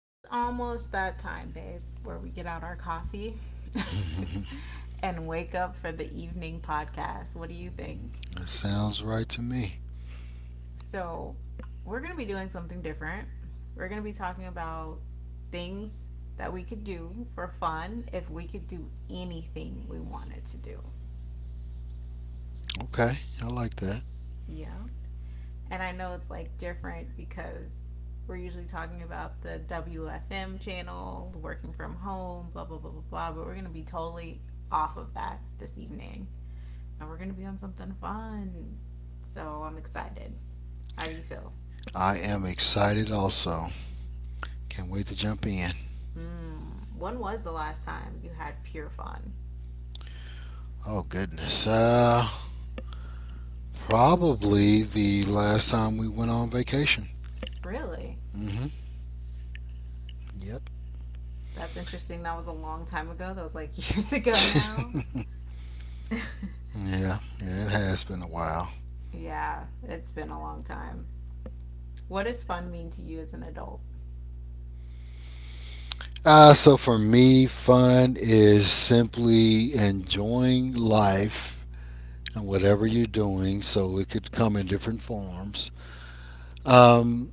It's almost that time, babe, where we get out our coffee and wake up for the evening podcast. What do you think? That sounds right to me. So, we're going to be doing something different. We're going to be talking about things that we could do for fun if we could do anything we wanted to do. Okay, I like that. Yeah. And I know it's like different because we're usually talking about the WFM channel, working from home, blah, blah, blah, blah, blah. But we're going to be totally off of that this evening. And we're going to be on something fun. So I'm excited. How do you feel? I am excited also. Can't wait to jump in. When was the last time you had pure fun? Oh goodness. Probably the last time we went on vacation. Really? Mhm. Yep. That's interesting. That was a long time ago. That was like years ago now. Yeah, it has been a while. Yeah, it's been a long time. What does fun mean to you as an adult? So for me, fun is simply enjoying life and whatever you're doing. So it could come in different forms. Um,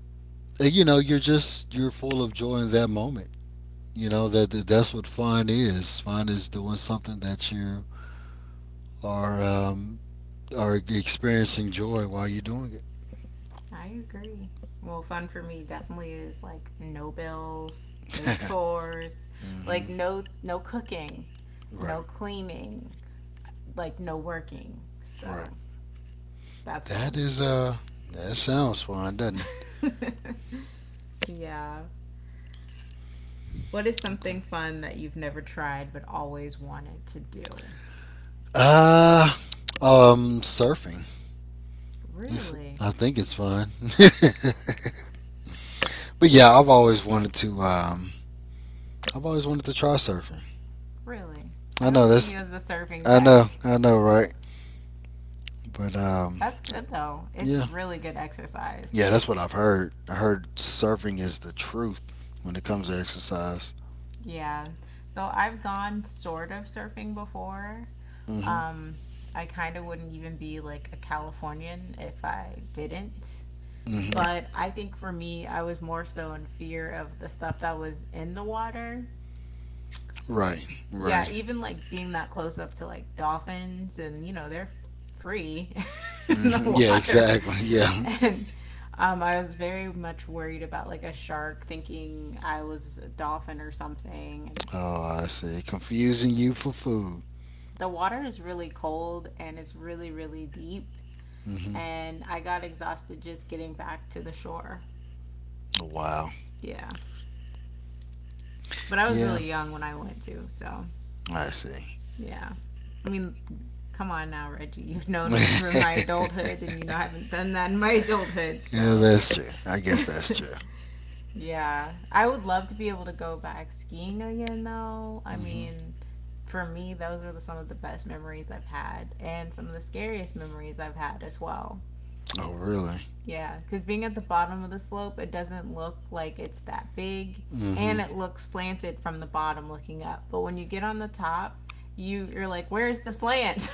you're just you're full of joy in that moment. You know that's what fun is. Fun is doing something that you are um, are experiencing joy while you're doing it. I agree. Well, fun for me definitely is like no bills, no chores, hmm like no cooking, no Right, cleaning, like no working. right. So that's That fun. is that sounds fun, doesn't it? Yeah. What is something Okay. fun that you've never tried but always wanted to do? Uh, Surfing. Listen, Really? I think it's fun. But yeah, I've always wanted to. I've always wanted to try surfing. Really? I I know don't see that's. you as the surfing I know. type. I know. Right. But That's good though. It's Yeah, really good exercise. yeah, that's what I've heard. I heard surfing is the truth when it comes to exercise. Yeah. So I've gone sort of surfing before. hmm Um, I kind of wouldn't even be like a Californian if I didn't. hmm But I think for me, I was more so in fear of the stuff that was in the water. Right. Yeah, Right. even like being that close up to like dolphins, and you know, they're free in the Yeah. water. Exactly. Yeah. And I was very much worried about like a shark thinking I was a dolphin or something. And Oh, I see. Confusing you for food. the water is really cold and it's really, really deep. hmm And I got exhausted just getting back to the shore. Wow. Yeah. But I was Yeah. really young when I went to, so I see. yeah. I mean, come on now, Reggie. You've known me from my Yeah, adulthood and you know I haven't done that in my adulthood, so that's true. I guess that's true. yeah. I would love to be able to go back skiing again though. I hmm mean, for me, those are the, some of the best memories I've had and some of the scariest memories I've had as well. Oh, really? Yeah, because being at the bottom of the slope, it doesn't look like it's that big, hmm and it looks slanted from the bottom looking up. But when you get on the top, you're like, where is the slant?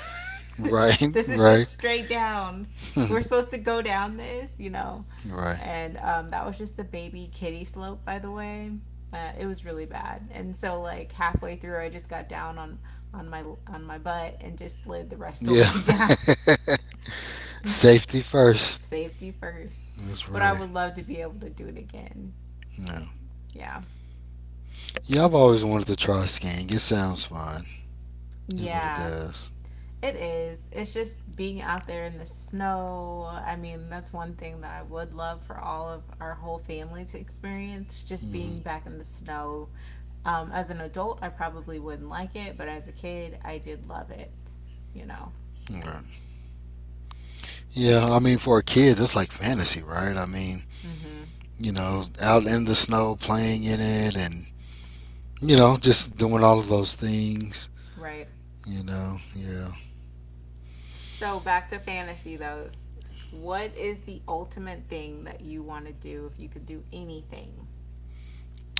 Right. This is just Right. straight down. We're supposed to go down this, you know. Right. And That was just the baby kitty slope, by the way. It was really bad. And so, like halfway through, I just got down on on my on my butt and just slid the rest of the Yeah. way down. Safety first. Safety first. That's But I right. would love to be able to do it again. Yeah. Yeah. Yeah, I've always wanted to try skiing. It sounds fun. It really Yeah, does. it is. It's just being out there in the snow. I mean, that's one thing that I would love for all of our whole family to experience, just hmm being back in the snow. As an adult, I probably wouldn't like it, but as a kid, I did love it, you know. Right. Yeah, I mean, for a kid, that's like fantasy, right? I mean, Mm-hmm. you know, out in the snow, playing in it, and you know, just doing all of those things. Right. You know, yeah. So back to fantasy, though. What is the ultimate thing that you want to do if you could do anything?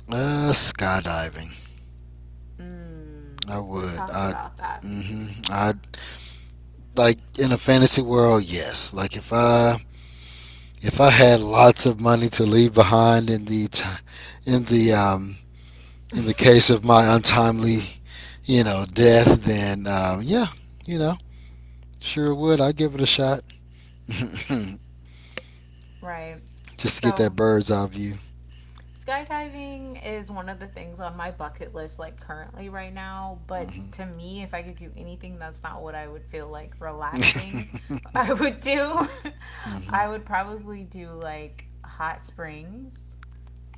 Skydiving. Mm, I we've would. talked I. about that. I, like in a fantasy world. Yes. If I had lots of money to leave behind in the t- in the um in the case of my untimely, you know, death, then yeah, you know, sure would. I'd give it a shot. Right. Just to get So, that bird's eye view. skydiving is one of the things on my bucket list, like currently right now. But mm to me, if I could do anything that's not what I would feel like hmm relaxing, mm I would do, hmm I would probably do like hot springs.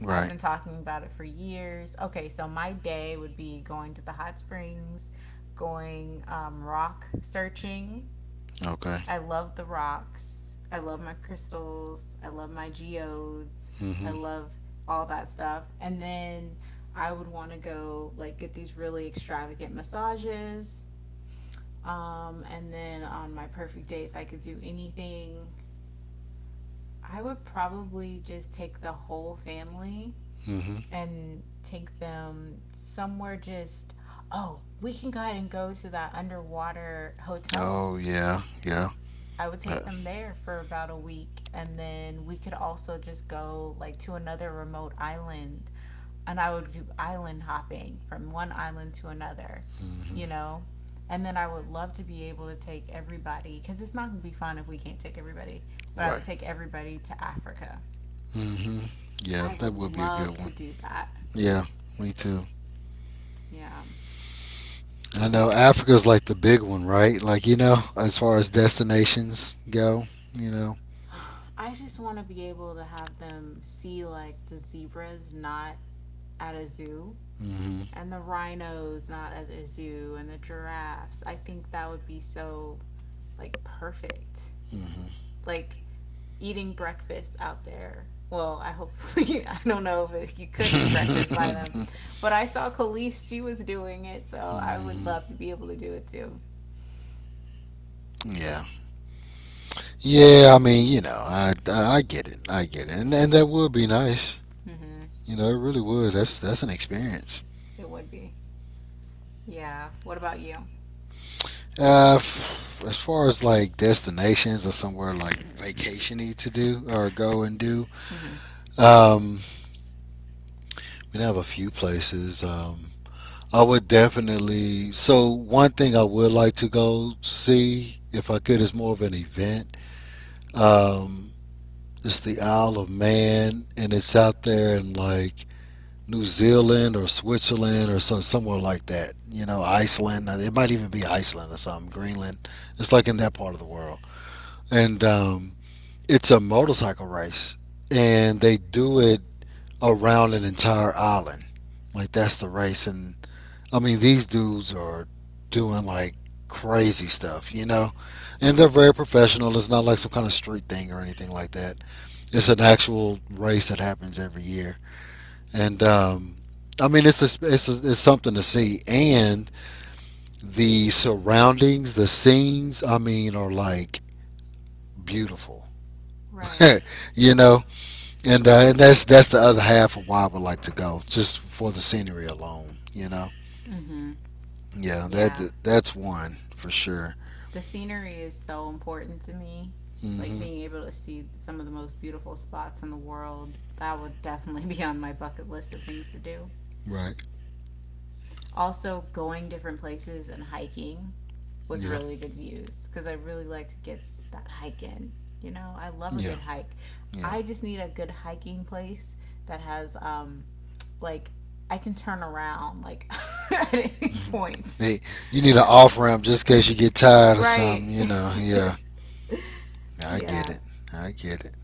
I've Right. been talking about it for years. Okay, so my day would be going to the hot springs, going rock searching. Okay. I love the rocks. I love my crystals. I love my geodes. mm I hmm love all that stuff. And then I would want to go like get these really extravagant massages. And then on my perfect day, if I could do anything, I would probably just take the whole family mm hmm and take them somewhere just, oh, we can go ahead and go to that underwater hotel. Oh yeah, yeah. I would take mm them there for about a week. And then we could also just go like to another remote island. And I would do island hopping from one island to another, hmm you know? And then I would love to be able to take everybody, because it's not going to be fun if we can't take everybody, but I Right. would take everybody to Africa. mm hmm Yeah, I would that would be a love good to one. do that. Yeah, me too. Yeah. I know Africa's like the big one, right? Like you know, as far as destinations go, you know. I just want to be able to have them see like the zebras not at a zoo mm hmm and the rhinos not at the zoo and the giraffes. I think that would be so like perfect. mm hmm Like eating breakfast out there. Well, I hopefully I don't know if you could eat breakfast by them, but I saw Khalees; she was doing it, so I would Mhm. love to be able to do it too. Yeah. Yeah, I mean, I get it. I get it. And that would be nice. Mhm. You know, it really would. That's an experience. It would be. Yeah. What about you? As far as like destinations or somewhere like vacationy to do or go and do. Mhm. Um we have a few places. I would definitely so One thing I would like to go see if I could is more of an event. Um It's the Isle of Man, and it's out there in like New Zealand or Switzerland or somewhere like that. You know, Iceland. It might even be Iceland or something. Greenland. It's like in that part of the world, and it's a motorcycle race, and they do it around an entire island. Like that's the race, and I mean these dudes are doing like crazy stuff, you know, and they're very professional. It's not like some kind of street thing or anything like that. It's an actual race that happens every year, and I mean it's something to see, and the surroundings, the scenes, I mean, are like beautiful, Right. you know, and that's the other half of why I would like to go, just for the scenery alone, you know. Mhm. Yeah, Yeah. that that's one for sure. The scenery is so important to me. Like hmm being able to see some of the most beautiful spots in the world, that would definitely be on my bucket list of things to do. Right. Also, going different places and hiking with Yeah. really good views because I really like to get that hike in. You know, I love a Yeah. good hike. Yeah. I just need a good hiking place that has, like, I can turn around like at any point. Hey, you need an off ramp just in case you get tired or Right. something, you know. Yeah. I get Yeah. it. I get it.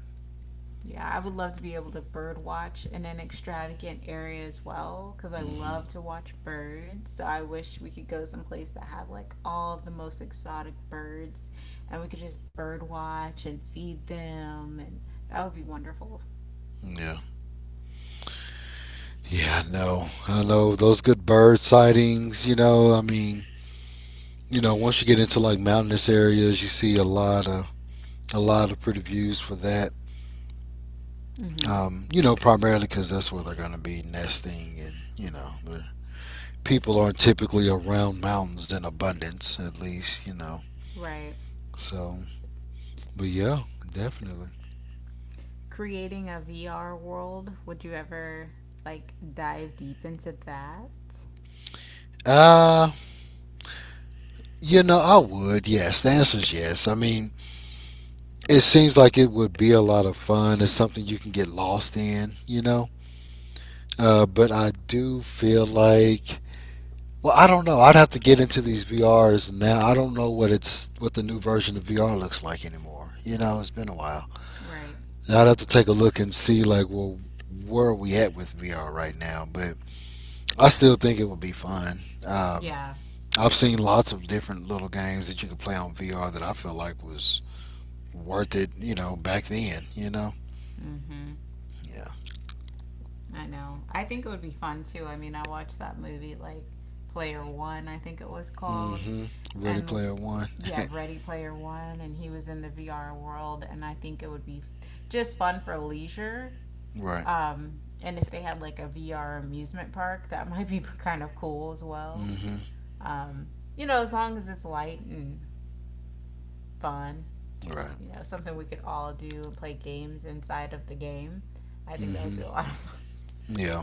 Yeah, I would love to be able to bird watch in an extravagant area as well because I hmm love to watch birds. So I wish we could go someplace that had like all of the most exotic birds and we could just bird watch and feed them and that would be wonderful. Yeah. Yeah, I know. I know those good bird sightings. You know, I mean, you know, once you get into like mountainous areas, you see a lot of pretty views for that. Mm-hmm. You know, primarily because that's where they're going to be nesting, and you know, the people aren't typically around mountains in abundance, at least you know. Right. So, but yeah, definitely. Creating a VR world, would you ever like dive deep into that? Uh, you know, I would. Yes, the answer's yes. I mean, it seems like it would be a lot of fun. It's something you can get lost in, you know? But I do feel like. Well, I don't know. I'd have to get into these VRs now. I don't know what it's What the new version of VR looks like anymore. You know, it's been a while. Right. I'd have to take a look and see like, well, where are we at with VR right now? But I still think it would be fun. Um, Yeah. I've seen lots of different little games that you could play on VR that I feel like was worth it. You know, back then. You know, yeah. I know. I think it would be fun too. I mean, I watched that movie like Player One, I think it was mm called, hmm Ready and Player One. yeah, Ready Player One, and he was in the VR world, and I think it would be just fun for leisure. Right. Um, and if they had like a VR amusement park, that might be kind of cool as well. mm hmm Um, you know, as long as it's light and fun, Right. you know, something we could all do and play games inside of the game. I think mm that would hmm be a lot of fun. Yeah.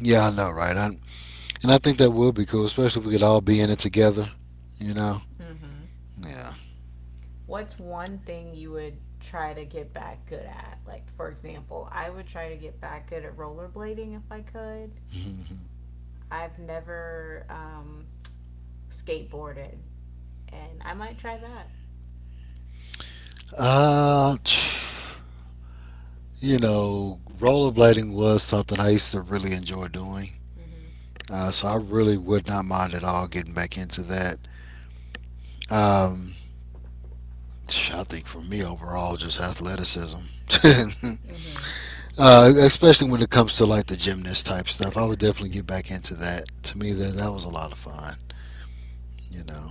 Yeah, I know, right? And I think that would be cool, especially if we could all be in it together. You know. Hmm, Yeah. what's one thing you would try to get back good at? Like, for example, I would try to get back good at rollerblading if I could. mm hmm I've never skateboarded, and I might try that. Uh, you know, rollerblading was something I used to really enjoy doing. Mm-hmm. So I really would not mind at all getting back into that. Um, I think for me overall, just athleticism. Mm-hmm. Especially when it comes to like the gymnast type stuff, I would definitely get back into that. To me, that was a lot of fun, you know.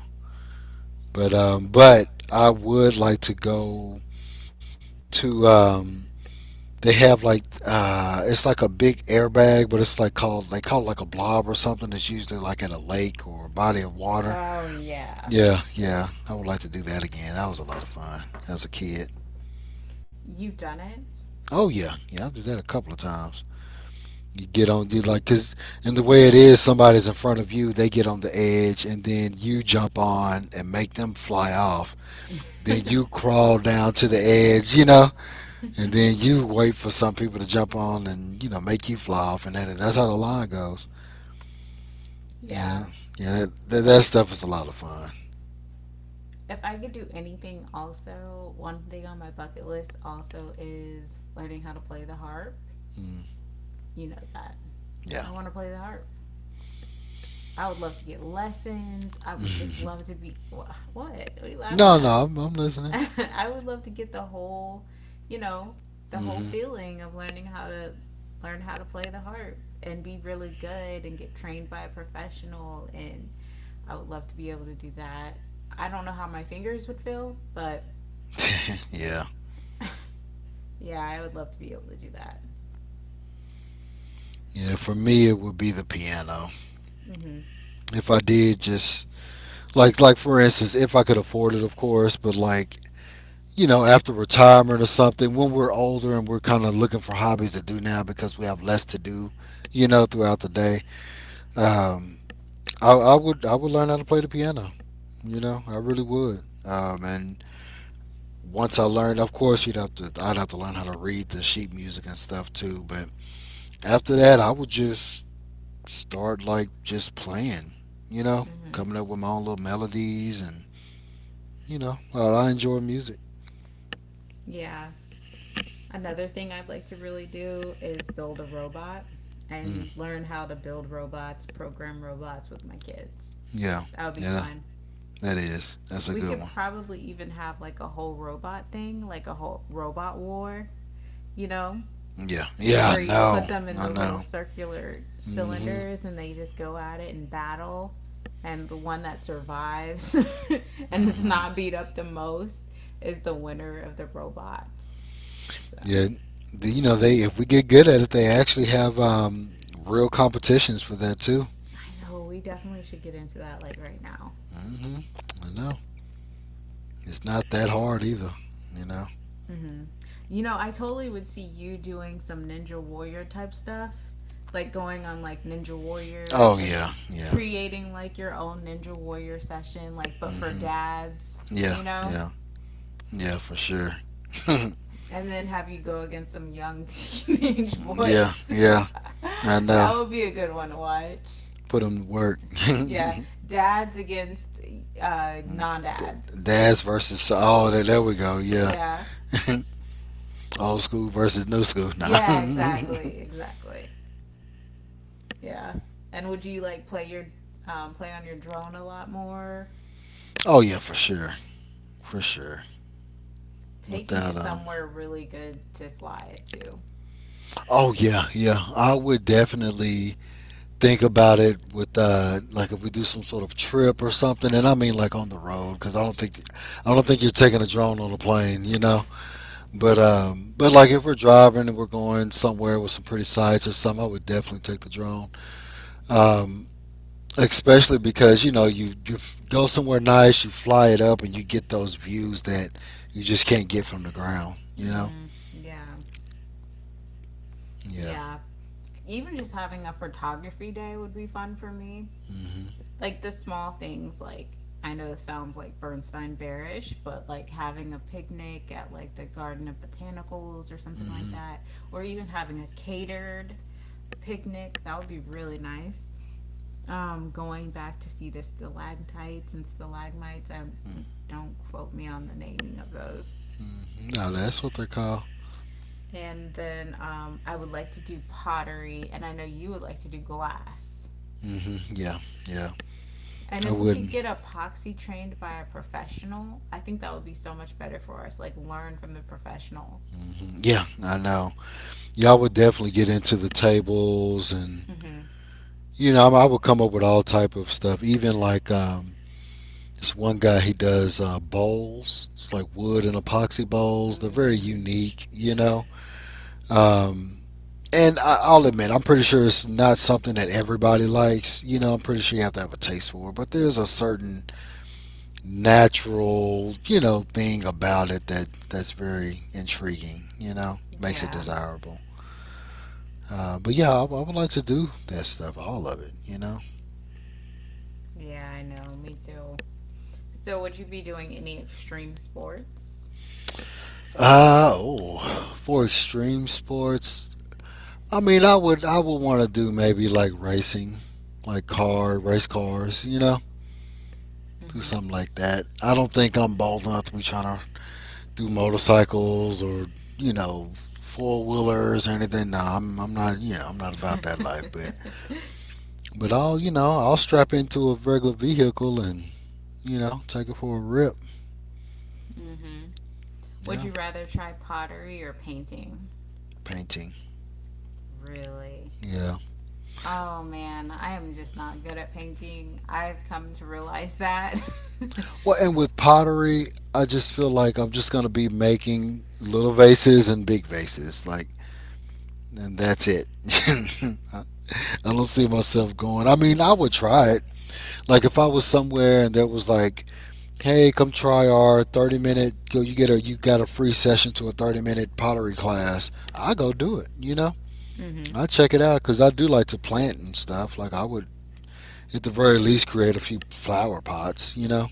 But I would like to go to they have like it's like a big airbag, but it's like called they call it like a blob or something. It's usually like at a lake or a body of water. Oh yeah, Yeah, yeah, I would like to do that again. That was a lot of fun as a kid. you've done Oh yeah, yeah, I did that a couple of times. You get on you like, because and the way it is, somebody's in front of you, they get on the edge and then you jump on and make them fly off, then it. you crawl down to the edge, you know, and then you wait for some people to jump on and you know make you fly off, and that's how the line goes. Yeah, Yeah. yeah that stuff is a lot of fun. If I could do anything, also one thing on my bucket list also is learning how to play the harp. mm, You know that yeah. I want to play the harp. I would love to get lessons. I would just love to be what? What are you laughing no no at? I'm, I'm listening. I would love to get the whole, you know, the whole hmm feeling of learning how to learn how to play the harp and be really good and get trained by a professional and I would love to be able to do that. I don't know how my fingers would feel, but yeah yeah, I would love to be able to do that. yeah, for me it would be the piano Mhm. if I did just. Like for instance, if I could afford it, of course, but like you know, after retirement or something, when we're older and we're kind of looking for hobbies to do now because we have less to do, you know, throughout the day. Um, I would learn how to play the piano. You know, I really would. And once I learned, of course, you'd have to I'd have to learn how to read the sheet music and stuff too. But after that, I would just start like just playing. You know, Mhm. coming up with my own little melodies and you know, I enjoy music. Yeah. Another thing I'd like to really do is build a robot Mm, and learn how to build robots, program robots with my kids. yeah, That would be yeah, fun. that is. That's a We good could one. probably even have like a whole robot thing, like a whole robot war, you know, Yeah, yeah, where I you know, put them in I those little know. circular hmm cylinders and they just go at it and battle. And the one that survives and it's hmm not beat up the most is the winner of the robots. So Yeah, you know they if we get good at it, they actually have real competitions for that too. I know we definitely should get into that like right now. hmm I know. It's not that hard either, you know. Mm-hmm. You know, I totally would see you doing some Ninja Warrior type stuff, like going on like Ninja Warrior Oh and yeah, yeah. creating like your own Ninja Warrior session, like but for hmm dads, Yeah, you know? yeah, yeah, for sure. And then have you go against some young teenage yeah, boys. yeah, I know. That would be a good one to watch. Put them to work. Yeah, dads against Mm. non D- dads. Daz versus oh, there we go. Yeah. Yeah. Old school versus new school. Nah. Yeah, exactly. Exactly. Yeah. And would you like play your play on your drone a lot more? Oh yeah, for sure, for sure. Taking it Without. somewhere really good to fly it to. Oh yeah, yeah. I would definitely think about it with like if we do some sort of trip or something, and I mean like on the road, because I don't think you're taking a drone on a plane, you know, but like if we're driving and we're going somewhere with some pretty sights or something, I would definitely take the drone, um especially because you know go somewhere nice, you fly it up, and you get those views that you just can't get from the ground. You know? Mm, yeah. Yeah. Yeah. Even just having a photography day would be fun for me. Mhm. Like the small things like I know this sounds like Bernstein bearish, but like having a picnic at like the Garden of Botanicals or something like Mhm. that, or even having a catered picnic, that would be really nice. Going back to see the stalactites and stalagmites. I don't- Don't quote me on the naming of those. Mhm. No, that's what they're called. And then I would like to do pottery, and I know you would like to do glass. Mhm. Yeah. Yeah. And I if we could wouldn't. get epoxy trained by a professional, I think that would be so much better for us. Like learn from the professional. Mhm. Yeah, I know. Yeah, I would definitely get into the tables, and Mm-hmm. you know, I would come up with all type of stuff. Even like this one guy, he does bowls. It's like wood and epoxy bowls. They're very Mm, unique. You know. Um, I'll admit, I'm pretty sure it's not something that everybody likes. You know, I'm pretty sure you have to have a taste for it, but there's a certain natural, you know, thing about it that that's very intriguing. You know, makes it yeah. desirable. But yeah, I would like to do that stuff, all of it. Yeah, I know. Me too. So would you be doing any extreme sports? uh, oh, for extreme sports, I mean, I would want to do maybe like racing, like car race cars. You know, do Mm-hmm. something like that. I don't think I'm bald enough to be trying to do motorcycles or you know four wheelers or anything. No, I'm not. You know, I'm not about that life. But I'll you know I'll strap into a regular vehicle and you know take it for a rip. mm-hmm. Yeah, Would you rather try pottery or painting? painting. Really? Yeah. Oh man, I am just not good at painting. I've come to realize that. Well, and with pottery, I just feel like I'm just gonna be making little vases and big vases, like, and that's it. I don't see myself going. I mean, I would try it. Like if I was somewhere and there was like, hey, come try our 30-minute, go you get a you got a free session to a 30-minute pottery class, I go do it, you know? Mhm. I check it out cuz I do like to plant and stuff. Like I would at the very least create a few flower pots, you know?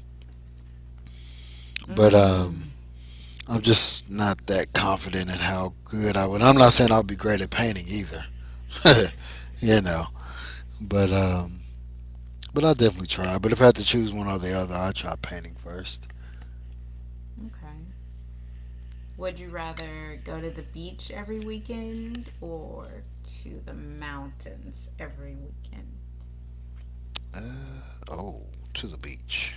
But Mm. I'm just not that confident in how good I would. I'm not saying I'll be great at painting either. you know, but um but I'll definitely try. But if I had to choose one or the other, I'd try painting first. Okay. Would you rather go to the beach every weekend or to the mountains every weekend? Uh, oh, to the beach.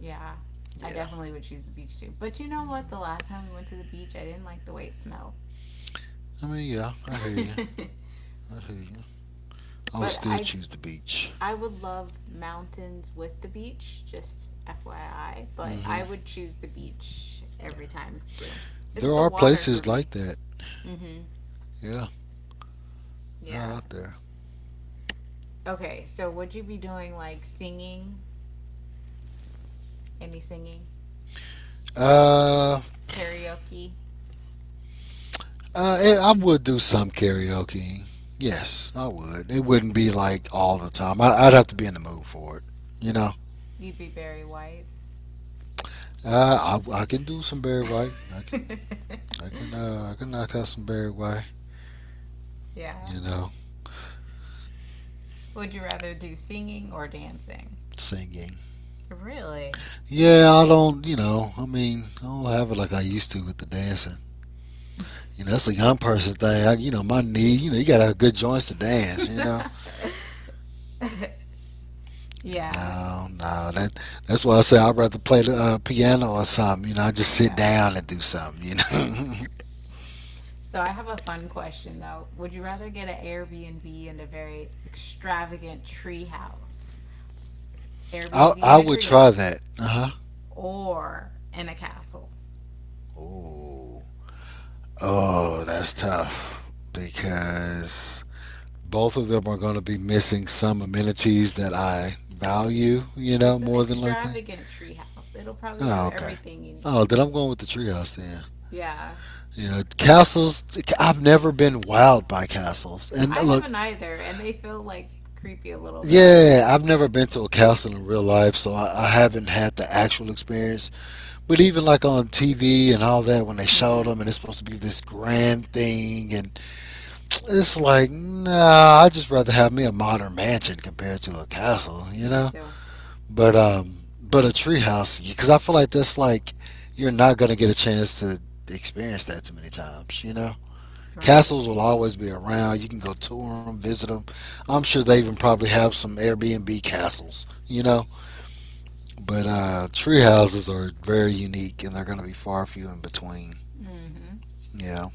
Yeah. I Yeah. definitely would choose the beach too. But you know what? The last time we went to the beach, I didn't like the way it smelled. I mean, yeah, I hear you. I hear you. I would But still choose the beach. I would love mountains with the beach, just FYI, but Mm I hmm would choose the beach Yeah. every time too. It's There the are water for places like me. that. Mm. Mhm. Yeah, they're Yeah. out there. Okay, so would you be doing like singing? Any singing? Uh, Karaoke? I would do some karaoke. Yes, I would. It wouldn't be like all the time. I'd have to be in the mood for it. You know. You'd be Barry White. I can do some Barry White. I can I can uh I can knock out some Barry White. Yeah. You know, Would you rather do singing or dancing? singing. Really? Yeah, I don't, you know, I mean, I don't have it like I used to with the dancing. You know, that's a young person thing. I, you know, my knee, you know, you got to have good joints to dance, you know. Yeah. No, no, that's why I say I'd rather play the piano or something. You know, I just sit Yeah. down and do something, you know. So I have a fun question though. Would you rather get an Airbnb in a very extravagant tree house? Airbnb I in a would tree try that. house Uh-huh. or in a castle? Oh, Oh, that's tough because both of them are going to be missing some amenities that I value, you know, It's an more than likely. extravagant tree house. It'll probably have Oh, okay. everything you Oh, need. then I'm going with the treehouse then. Yeah. Yeah, castles. I've never been wowed by castles. And I look, haven't either, and they feel like creepy a little bit. yeah, I've never been to a castle in real life, so I haven't had the actual experience. But even like on TV and all that, when they show Mhm. them and it's supposed to be this grand thing, and it's like, nah, I just rather have me a modern mansion compared to a castle, you Me know? too. But a treehouse because I feel like that's like you're not gonna get a chance to experience that too many times. You know, Right. castles will always be around. You can go tour them, visit them. I'm sure they even probably have some Airbnb castles. You know, but tree houses are very unique and they're gonna be far few in between. Mhm. Yeah.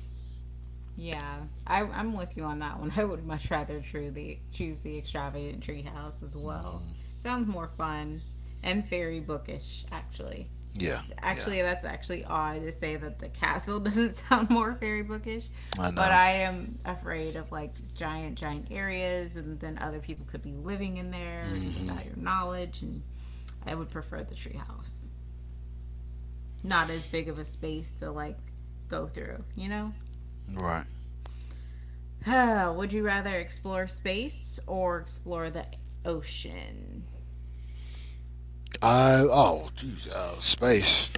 Yeah, I'm with you on that one. I would much rather truly choose the extravagant treehouse as well. Hmm. Sounds more fun and very bookish, actually. Yeah. Yeah. Actually, that's actually odd to say that the castle doesn't sound more fairy bookish, I but know. I am afraid of like giant, giant areas, and then other people could be living in there and Hmm. without your knowledge. And I would prefer the treehouse, not as big of a space to like go through, you know? Right. Would you rather explore space or explore the ocean? Space.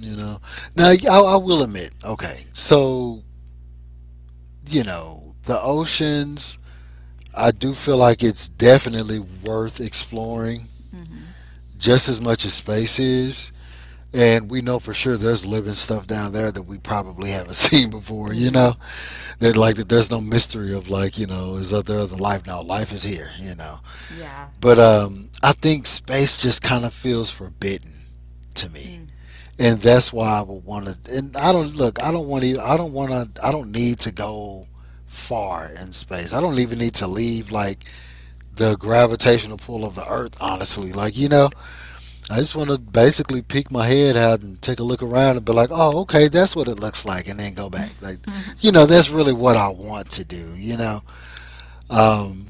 You know. Now I will admit. Okay, so you know, the oceans, I do feel like it's definitely worth exploring Mm-hmm. just as much as space is. And we know for sure there's living stuff down there that we probably haven't seen before, Mm-hmm. you know? That like that there's no mystery of like, you know, is there other life? No, life is here, you know. Yeah. But I think space just kind of feels forbidden to Mm. me. And that's why I would want to. And I don't look. I don't want to. I don't want to. I don't need to go far in space. I don't even need to leave like the gravitational pull of the Earth. Honestly, like you know, I just want to basically peek my head out and take a look around and be like, oh, okay, that's what it looks like, and then go back. Like, you know, that's really what I want to do. You know. Um,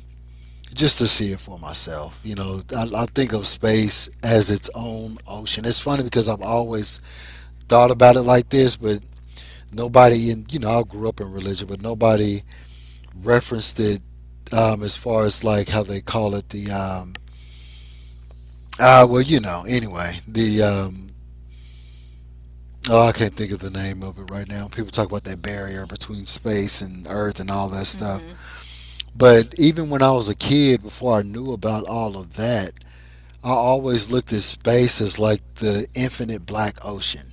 just to see it for myself. You know, I think of space as its own ocean. It's funny because I've always thought about it like this, but nobody in you know I grew up in religion, but nobody referenced it as far as like how they call it the well you know anyway the oh I can't think of the name of it right now. People talk about that barrier between space and Earth and all that mm-hmm. stuff. But even when I was a kid, before I knew about all of that, I always looked at space as like the infinite black ocean.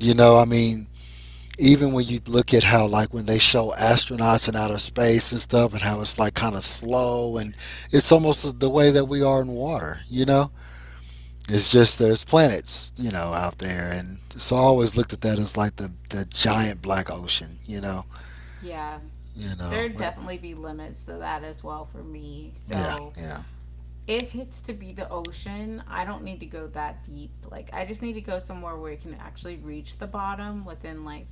You know, I mean, even when you look at how like when they show astronauts in outer space and stuff and how it's like kind of slow and it's almost the way that we are in water you know it's just there's planets you know out there and so I always looked at that as like the giant black ocean Yeah. you know There'd but- definitely be limits to that as well for me. yeah So yeah. if it's to be the ocean, I don't need to go that deep. Like I just need to go somewhere where you can actually reach the bottom within like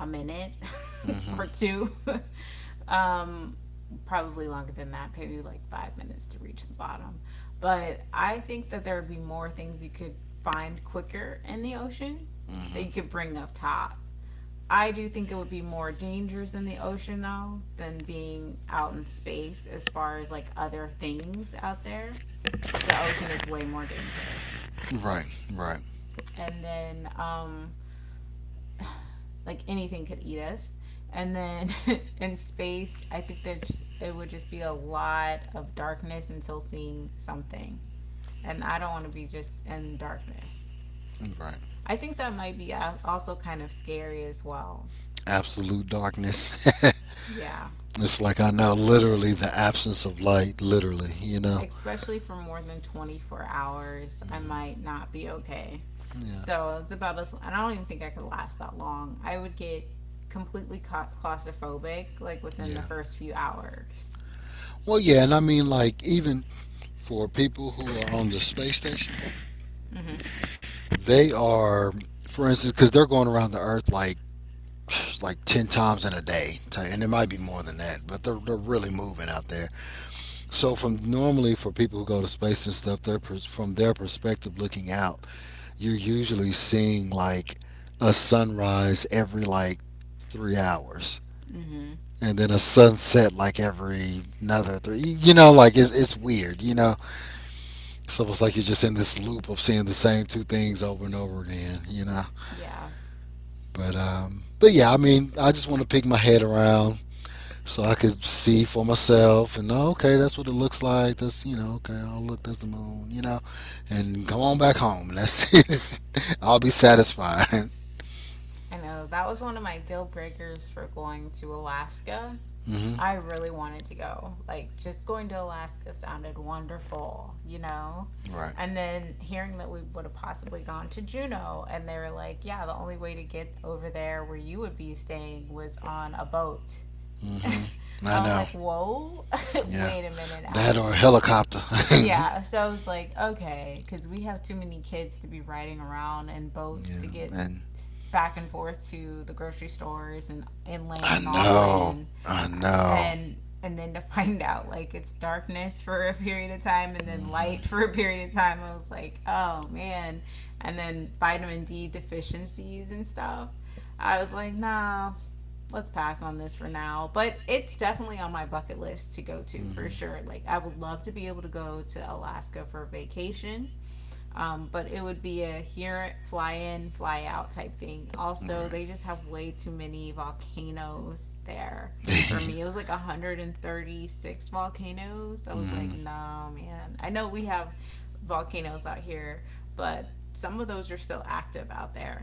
a minute or Mm-hmm. two. um Probably longer than that, maybe like 5 minutes to reach the bottom. But I think that there would be more things you could find quicker in the ocean that Mm-hmm. you could bring up top. I do think it would be more dangerous in the ocean though than being out in space, as far as like other things out there the ocean is way more dangerous. right right And then, like anything could eat us. And then in space, I think that it would just be a lot of darkness until seeing something. And I don't want to be just in darkness. right. I think that might be also kind of scary as well. Absolute darkness. Yeah. It's like I know literally the absence of light literally you know Especially for more than 24 hours, I might not be okay. yeah So it's about us. I don't even think I could last that long. I would get completely claustrophobic like within the yeah. first few hours. Well, yeah, and I mean, like, even for people who are on the space station, Mhm. they are, for instance, because they're going around the Earth like, like 10 times in a day, ti- and it might be more than that. But they're really moving out there. So from normally for people who go to space and stuff, from their perspective looking out, you're usually seeing like a sunrise every like 3 hours, Mhm. and then a sunset like every another three. You know, like it's weird. You know, so it's like you're just in this loop of seeing the same two things over and over again, you know. Yeah. But yeah, I mean, I just want to pick my head around so I could see for myself and oh, okay, that's what it looks like. That's you know, okay, oh look, that's the moon, you know, and come on back home and that's it. I'll be satisfied. I know that was one of my deal breakers for going to Alaska. Hmm. I really wanted to go. Like, just going to Alaska sounded wonderful, you know? Right. And then hearing that we would have possibly gone to Juneau, and they were like, yeah, the only way to get over there where you would be staying was on a boat. Hmm. I I was know. like, whoa, Yeah, wait a minute now. that or a helicopter. yeah, Yeah, so I was like, okay, because we have too many kids to be riding around in boats to get and back and forth to the grocery stores and inland I and know, offland. I know. and and then to find out like it's darkness for a period of time and then Hmm. light for a period of time, I was like oh man. And then vitamin D deficiencies and stuff, I was like nah, let's pass on this for now, but it's definitely on my bucket list to go to for Hmm. sure. Like I would love to be able to go to Alaska for vacation, but it would be a here, fly in, fly out type thing. Also, Right. they just have way too many volcanoes there for me. It was like 136 volcanoes. I was like, Hmm. nah, man. I know we have volcanoes out here, but some of those are still active out there.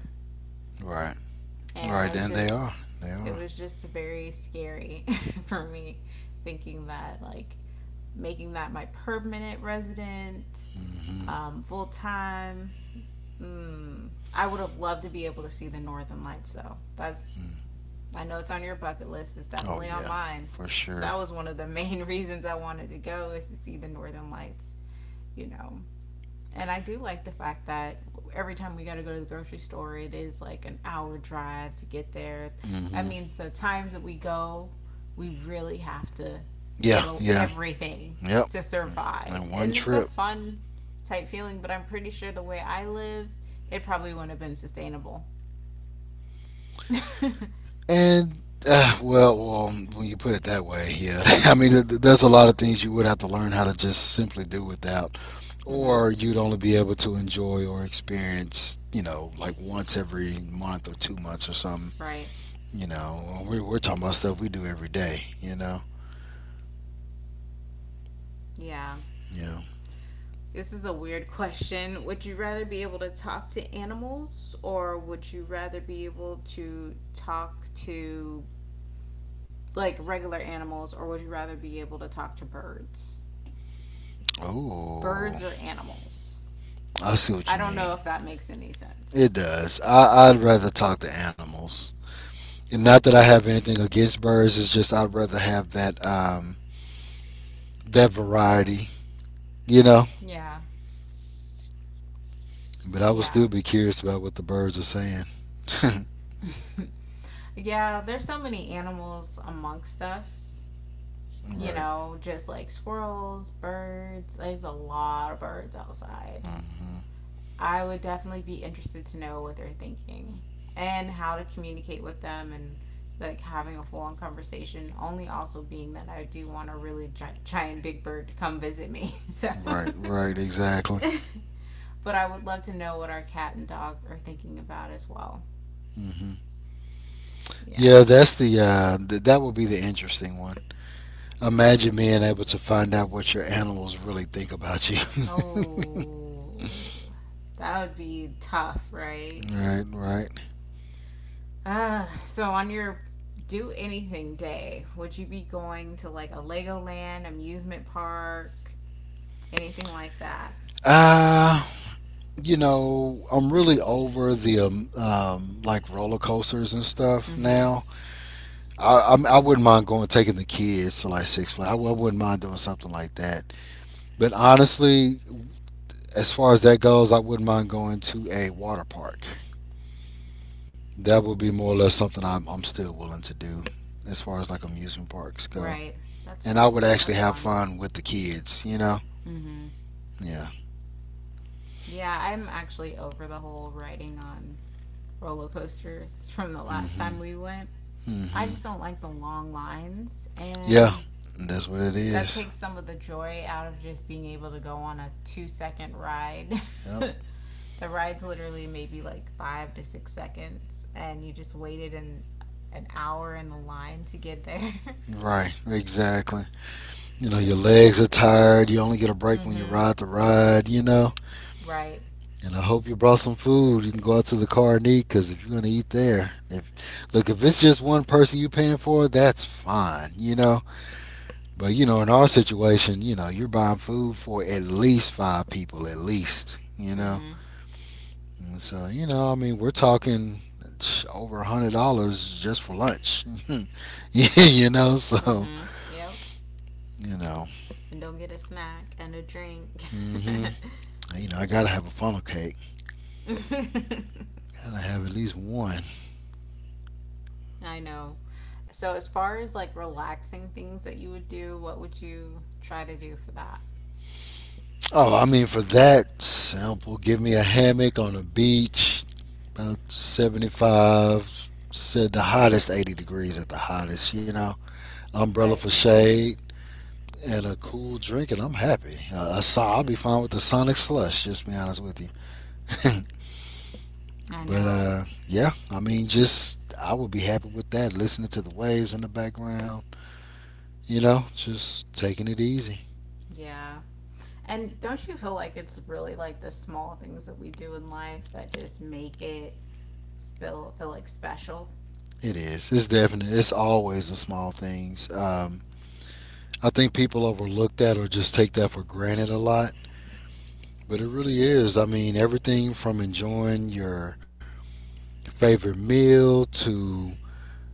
Right. And I Right. was And just, they are. They it are. was just very scary for me thinking that, like, making that my permanent resident, Hmm. Full time. Mm, I would have loved to be able to see the Northern Lights, though. That's I know it's on your bucket list. It's Oh definitely on yeah, mine. for sure. That was one of the main reasons I wanted to go is to see the Northern Lights. You know, and I do like the fact that every time we got to go to the grocery store, it is like an hour drive to get there. That Hmm. means the times that we go, we really have to Yeah. Yeah. everything Yep. to survive. And one And it's a trip. fun type feeling, but I'm pretty sure the way I live, it probably wouldn't have been sustainable. And uh, well, well, when you put it that way, yeah. I mean, there's a lot of things you would have to learn how to just simply do without, Hmm or you'd only be able to enjoy or experience, you know, like once every month or 2 months or something. right. You know, we're talking about stuff we do every day. You know. Yeah. Yeah. This is a weird question. Would you rather be able to talk to animals or would you rather be able to talk to like regular animals, or would you rather be able to talk to birds? Oh. Birds or animals? I see what I you don't know mean. if that makes any sense. It does. I'd rather talk to animals. And not that I have anything against birds. It's just I'd rather have that that variety, you know. Yeah, But I would yeah. still be curious about what the birds are saying. Yeah, there's so many animals amongst us, you Right. know, just like squirrels, birds. There's a lot of birds outside. Hmm. I would definitely be interested to know what they're thinking and how to communicate with them and like having a full on conversation. Only also being that I do want a really giant big bird to come visit me. So, Right. Right. Exactly. but I would love to know what our cat and dog are thinking about as well. Hmm. Yeah. Yeah, that's the that would be the interesting one. Imagine being able to find out what your animals really think about you. Oh, that would be tough, right? Right. Right. Ah, so on your do anything day, would you be going to like a Legoland amusement park? Anything like that. Uh you know, I'm really over the like roller coasters and stuff Mhm. now. I wouldn't mind going taking the kids to like Six Flags. I wouldn't mind doing something like that. But honestly, as far as that goes, I wouldn't mind going to a water park. That would be more or less something I'm still willing to do, as far as like amusement parks go. Right. That's And I would actually that's have fun. fun with the kids. You know. Mhm. Yeah. Yeah, I'm actually over the whole riding on roller coasters from the last Mhm. time we went. I Mhm. just don't like the long lines Yeah. and That's what it that is. takes some of the joy out of just being able to go on a 2-second ride. Yep. The ride's literally maybe like 5 to 6 seconds and you just waited an hour in the line to get there. Right. Exactly. You know, your legs are tired. You only get a break when you Mhm. ride the ride, you know. Right. And I hope you brought some food. You can go out to the car and eat because if you're going to eat there, if look, if it's just one person you are paying for, that's fine, you know. But, you know, in our situation, you know, you're buying food for at least five people, at least, you know. Mhm. And so, you know, I mean, we're talking over $100 just for lunch, you know. So, Mhm. Yep. you know, And don't get a snack and a drink. hmm you know, I gotta have a funnel cake. And I have at least one. I know. So, as far as like relaxing things that you would do, what would you try to do for that? Oh, I mean, for that sample, give me a hammock on a beach, about 75, said the hottest 80 degrees at the hottest, you know. Umbrella Right? for shade and a cool drink, and I'm happy. I'll be fine with the Sonic slush, just to be honest with you. I but know. uh, yeah, I mean, just I would be happy with that. Listening to the waves in the background, you know, just taking it easy. Yeah. And don't you feel like it's really like the small things that we do in life that just make it feel like special? It is. It's definitely. It's always the small things. I think people overlook that or just take that for granted a lot. But it really is. I mean, everything from enjoying your favorite meal to,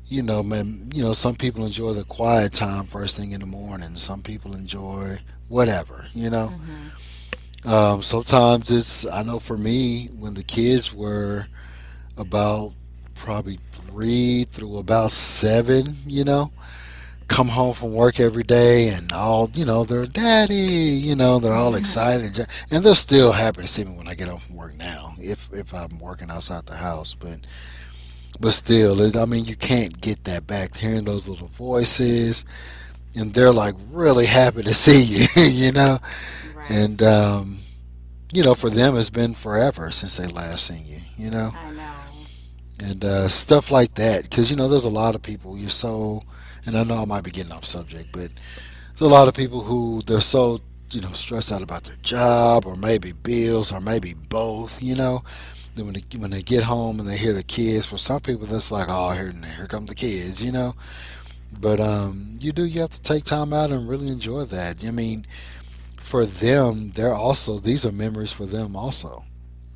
you know, man, you know, some people enjoy the quiet time first thing in the morning. Some people enjoy whatever, Mhm. Sometimes it's, I know for me, when the kids were about probably three through about seven, you know, come home from work every day, and all, you know, they're daddy, you know, they're all excited, and they're still happy to see me when I get home from work now if I'm working outside the house, but still it, I mean you can't get that back, hearing those little voices and they're like really happy to see you. You know, Right. and you know, for them it's been forever since they last seen you, you know I know. and stuff like that, because you know there's a lot of people you're so, and I know I might be getting off subject, but there's a lot of people who they're so, you know, stressed out about their job or maybe bills or maybe both, you know, then when they get home and they hear the kids, for some people that's like, oh, here here come the kids, but you do, you have to take time out and really enjoy that. I mean, for them they're also, these are memories for them also,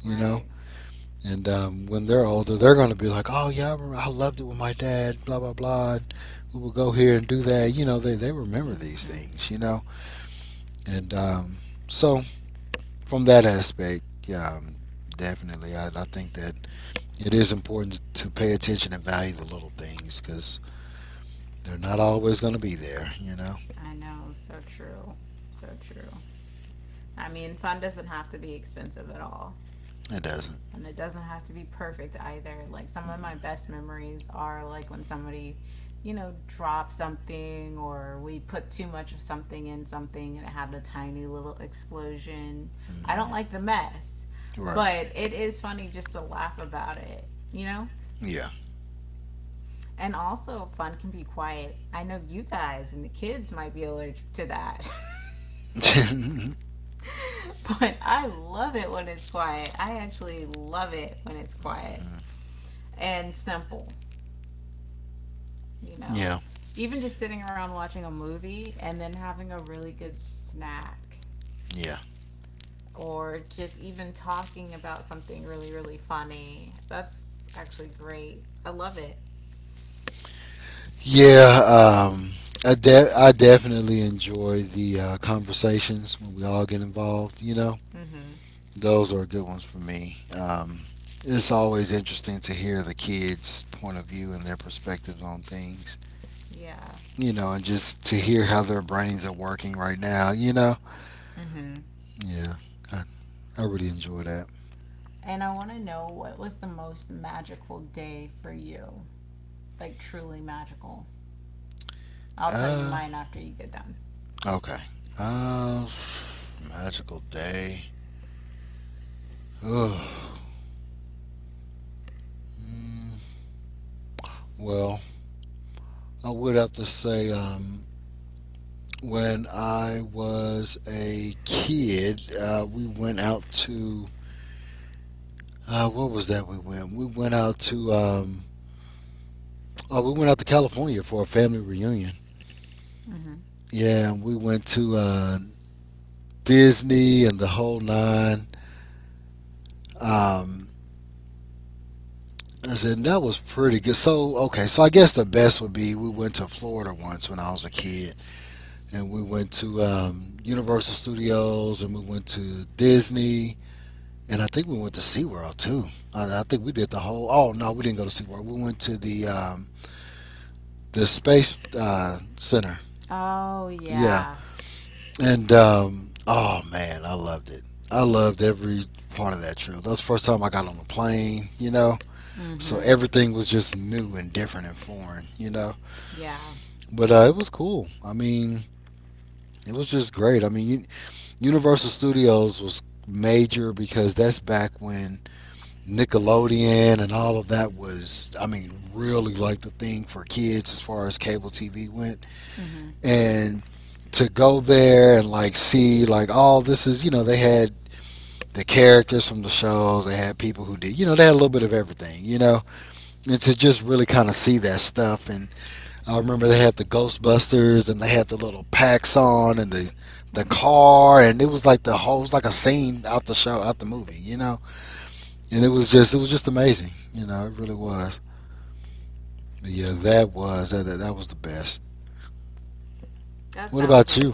you know. Right. And When they're older they're going to be like, oh yeah, I, remember, I loved it with my dad, blah blah blah, we would go here and do that, you know, they remember these Mhm. things, And so, from that aspect, yeah, definitely, I think that it is important to pay attention and value the little things because they're not always going to be there. You know, I know. So true. So true. I mean, fun doesn't have to be expensive at all. it doesn't. And it doesn't have to be perfect either. Like, some of my Mm-hmm. best memories are like when somebody, you know, drops something or we put too much of something in something and it had a tiny little explosion. I don't like the mess, Right? but it is funny just to laugh about it, you know? Yeah. And also, fun can be quiet. I know you guys and the kids might be allergic to that, Mhm. but I love it when it's quiet. I actually love it when it's quiet. And simple, you know. Yeah. Even just sitting around watching a movie and then having a really good snack Yeah. or just even talking about something really, really funny. That's actually great. I love it. Yeah. Um, I definitely enjoy the conversations when we all get involved. You know, Mhm. those are good ones for me. It's always interesting to hear the kids' point of view and their perspectives on things. Yeah. You know, and just to hear how their brains are working right now. You know, Mhm. yeah, I, I really enjoy that. And I want to know what was the most magical day for you? Like truly magical. I'll tell you Uh, mine after you get done. okay. Uh, magical day. Ugh. Mm, well, I would have to say, when I was a kid, we went out to. What was that we went? We went out to, oh, we went out to California for a family reunion. Mhm. Yeah, and we went to, Disney and the whole nine. Um, I said and that was pretty good. So okay, so I guess the best would be we went to Florida once when I was a kid, and we went to, Universal Studios, and we went to Disney, and I think we went to SeaWorld too. I think we did the whole. Oh no, we didn't go to SeaWorld. We went to the, the space center. Oh Yeah. yeah. And oh man, I loved it. I loved every part of that trip. That was the first time I got on a plane, you know. So Mhm. everything was just new and different and foreign, you know. Yeah. But it was cool. I mean, it was just great. I mean, Universal Studios was major because that's back when Nickelodeon and all of that was, I mean, really like the thing for kids as far as cable TV went. Mhm. And to go there and like see, like, all this is, you know, they had the characters from the shows. They had people who did, you know, they had a little bit of everything, you know, and to just really kind of see that stuff. And I remember they had the Ghostbusters, and they had the little packs on, and the car, and it was like the whole, it was like a scene out the show, out the movie, you know. And it was just, it was just amazing, you know, it really was. But yeah, that was that, that was the best. That What sounds about like you?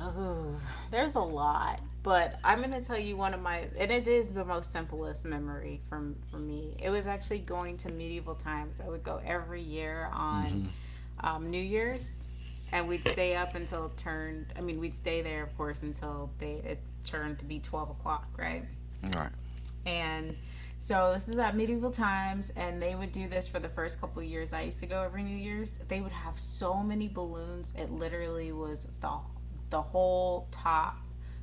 Oh, there's a lot, but I'm gonna tell you one of my, and it is the most simplest memory from for me. It was actually going to medieval times. I would go every year on Mm-hmm. New Year's, and we'd stay up until it turned. I mean, we'd stay there, of course, until they it turned to be 12 o'clock, right? All right. And so this is at medieval times, and they would do this for the first couple of years I used to go every New Year's. They would have so many balloons; it literally was the whole top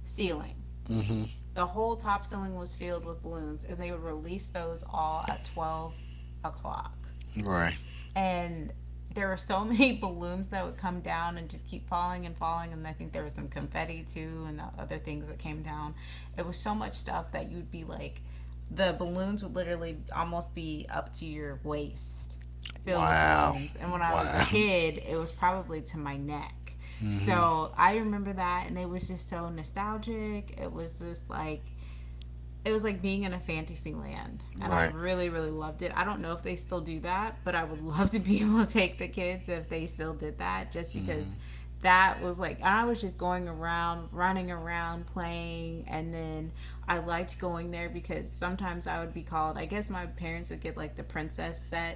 ceiling. Mm-hmm. The whole top ceiling was filled with balloons, and they would release those all at 12 o'clock. Right. And there were so many balloons that would come down and just keep falling and falling. And I think there was some confetti too and the other things that came down. It was so much stuff that you'd be like, the balloons would literally almost be up to your waist filled with Wow. balloons, and when I was a Wow. kid it was probably to my neck. Mm-hmm. So I remember that, and it was just so nostalgic. It was just like it was like being in a fantasy land, and I Right. really really loved it. I don't know if they still do that, but I would love to be able to take the kids if they still did that, just Mm-hmm. because that was like, and I was just going around running around playing. And then I liked going there because sometimes I would be called, I guess my parents would get like the princess set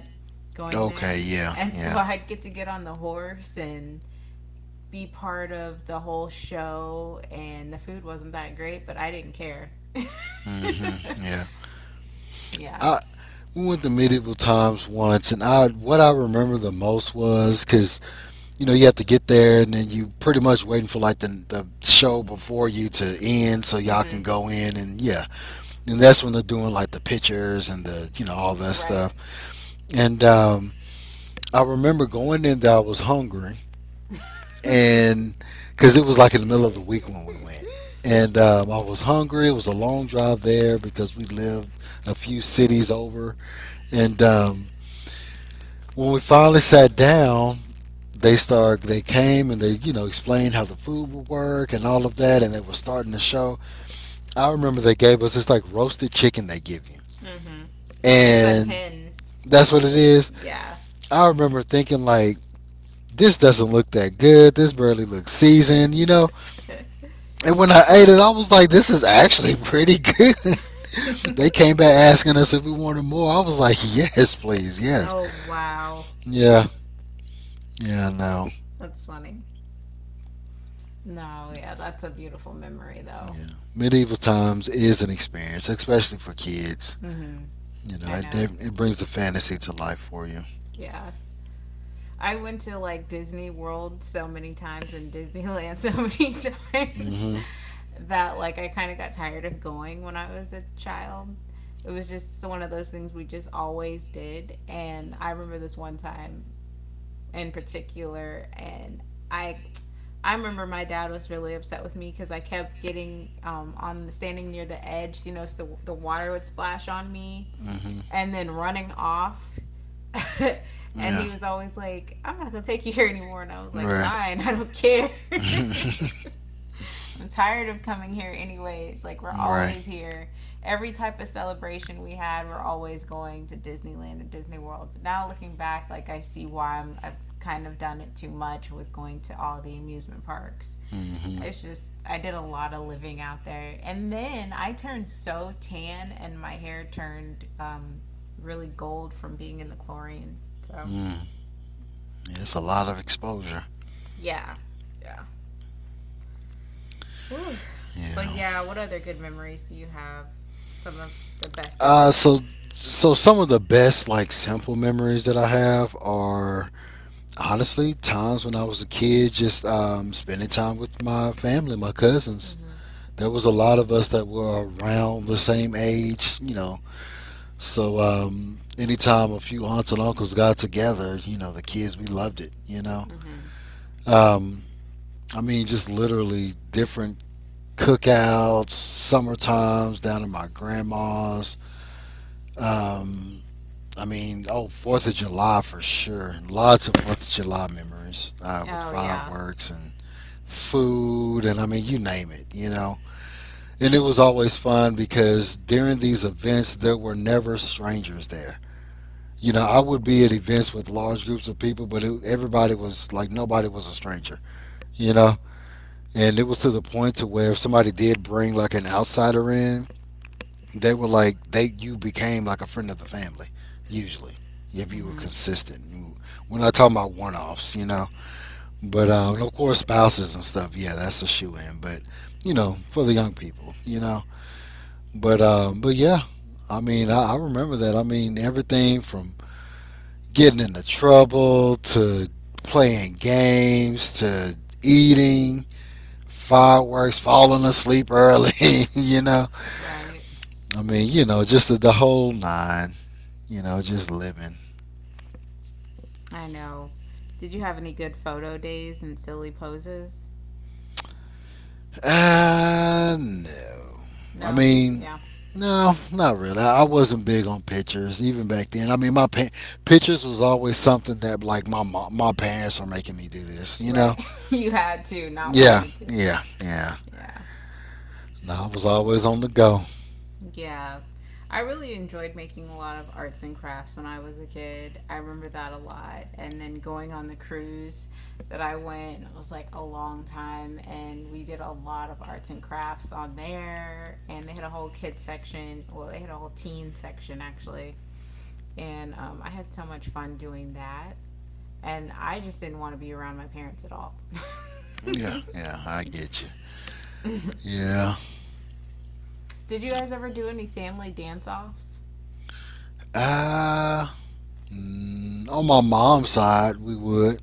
going there, Okay, yeah, and so yeah. I'd get to get on the horse and be part of the whole show. And the food wasn't that great, but I didn't care. Hmm. Yeah. Yeah. I, we went to medieval times once, and I, what I remember the most was because you know you have to get there, and then you pretty much waiting for like the show before you to end, so y'all Mm-hmm. can go in, and yeah, and that's when they're doing like the pictures and the, you know, all that Right. stuff. And I remember going in there, I was hungry, Mm-hmm. and because it was like in the middle of the week when we went, and I was hungry. It was a long drive there because we lived a few cities over. And when we finally sat down, they came and they, you know, explained how the food would work and all of that, and they were starting the show. I remember they gave us this like roasted chicken, they give you, It's a and hen. that's what it is. Yeah. I remember thinking like, this doesn't look that good, this barely looks seasoned, you know. And when I ate it, I was like, this is actually pretty good. They came back asking us if we wanted more, I was like, yes please, yes. Oh wow. Yeah. Yeah, I know. That's funny. No, yeah, that's a beautiful memory though. Yeah, medieval times is an experience, especially for kids. Mm-hmm. You know, I it know. It brings the fantasy to life for you. Yeah. I went to like Disney World so many times and Disneyland so many times Mhm. that like I kind of got tired of going when I was a child. It was just one of those things we just always did. And I remember this one time in particular, and I I remember my dad was really upset with me because I kept getting on standing near the edge, you know, so the water would splash on me Mhm. and then running off. And Yeah. he was always like, "I'm not gonna take you here anymore," and I was like, Right. "Fine, I don't care." I'm tired of coming here anyways. Like we're Right. always here. Every type of celebration we had, we're always going to Disneyland or Disney World. But now looking back, like I see why I've kind of done it too much with going to all the amusement parks. Mhm. It's just I did a lot of living out there. And then I turned so tan and my hair turned really gold from being in the chlorine. So, Mm. Yeah, it's a lot of exposure. yeah. Yeah. Ooh. But Yeah. yeah, what other good memories do you have? Some of the best So. events. So some of the best like simple memories that I have are honestly times when I was a kid, just, spending time with my family, my cousins. Mhm. There was a lot of us that were around the same age, you know. So anytime a few aunts and uncles got together, you know, the kids, we loved it, you know. Mhm. Um, I mean, just literally different cookouts, summer times down at my grandma's. Um, I mean, oh, Fourth of July for sure. Lots of Fourth of July memories with Oh yeah. fireworks and food, and I mean, you name it, you know. And it was always fun because during these events, there were never strangers there. You know, I would be at events with large groups of people, but it, everybody was like nobody was a stranger. You know, and it was to the point to where if somebody did bring like an outsider in, they were like, they, you became like a friend of the family usually if you were Mhm. consistent. We're not talking about one offs, you know. But and of course, spouses and stuff. Yeah, that's a shoe in. But you know, for the young people, you know. But but yeah, I mean, I remember that. I mean, everything from getting into trouble to playing games to eating fireworks, falling asleep early. You know, Right. I mean, you know, just the whole nine, you know, just living. I know. Did you have any good photo days and silly poses? No. I No. mean, Yeah. no, not really, I wasn't big on pictures even back then. I mean, pictures was always something that like my mom, my parents were making me do this, you know. Right. You had to, not Yeah, wanted to. yeah, yeah. Yeah. No, I was always on the go. Yeah. I really enjoyed making a lot of arts and crafts when I was a kid. I remember that a lot. And then going on the cruise that I went, it was like a long time. And we did a lot of arts and crafts on there. And they had a whole kid section. Well, they had a whole teen section, actually. And I had so much fun doing that. And I just didn't want to be around my parents at all. Yeah, yeah, I get you. Yeah. Did you guys ever do any family dance offs? Uh, on my mom's side, we would.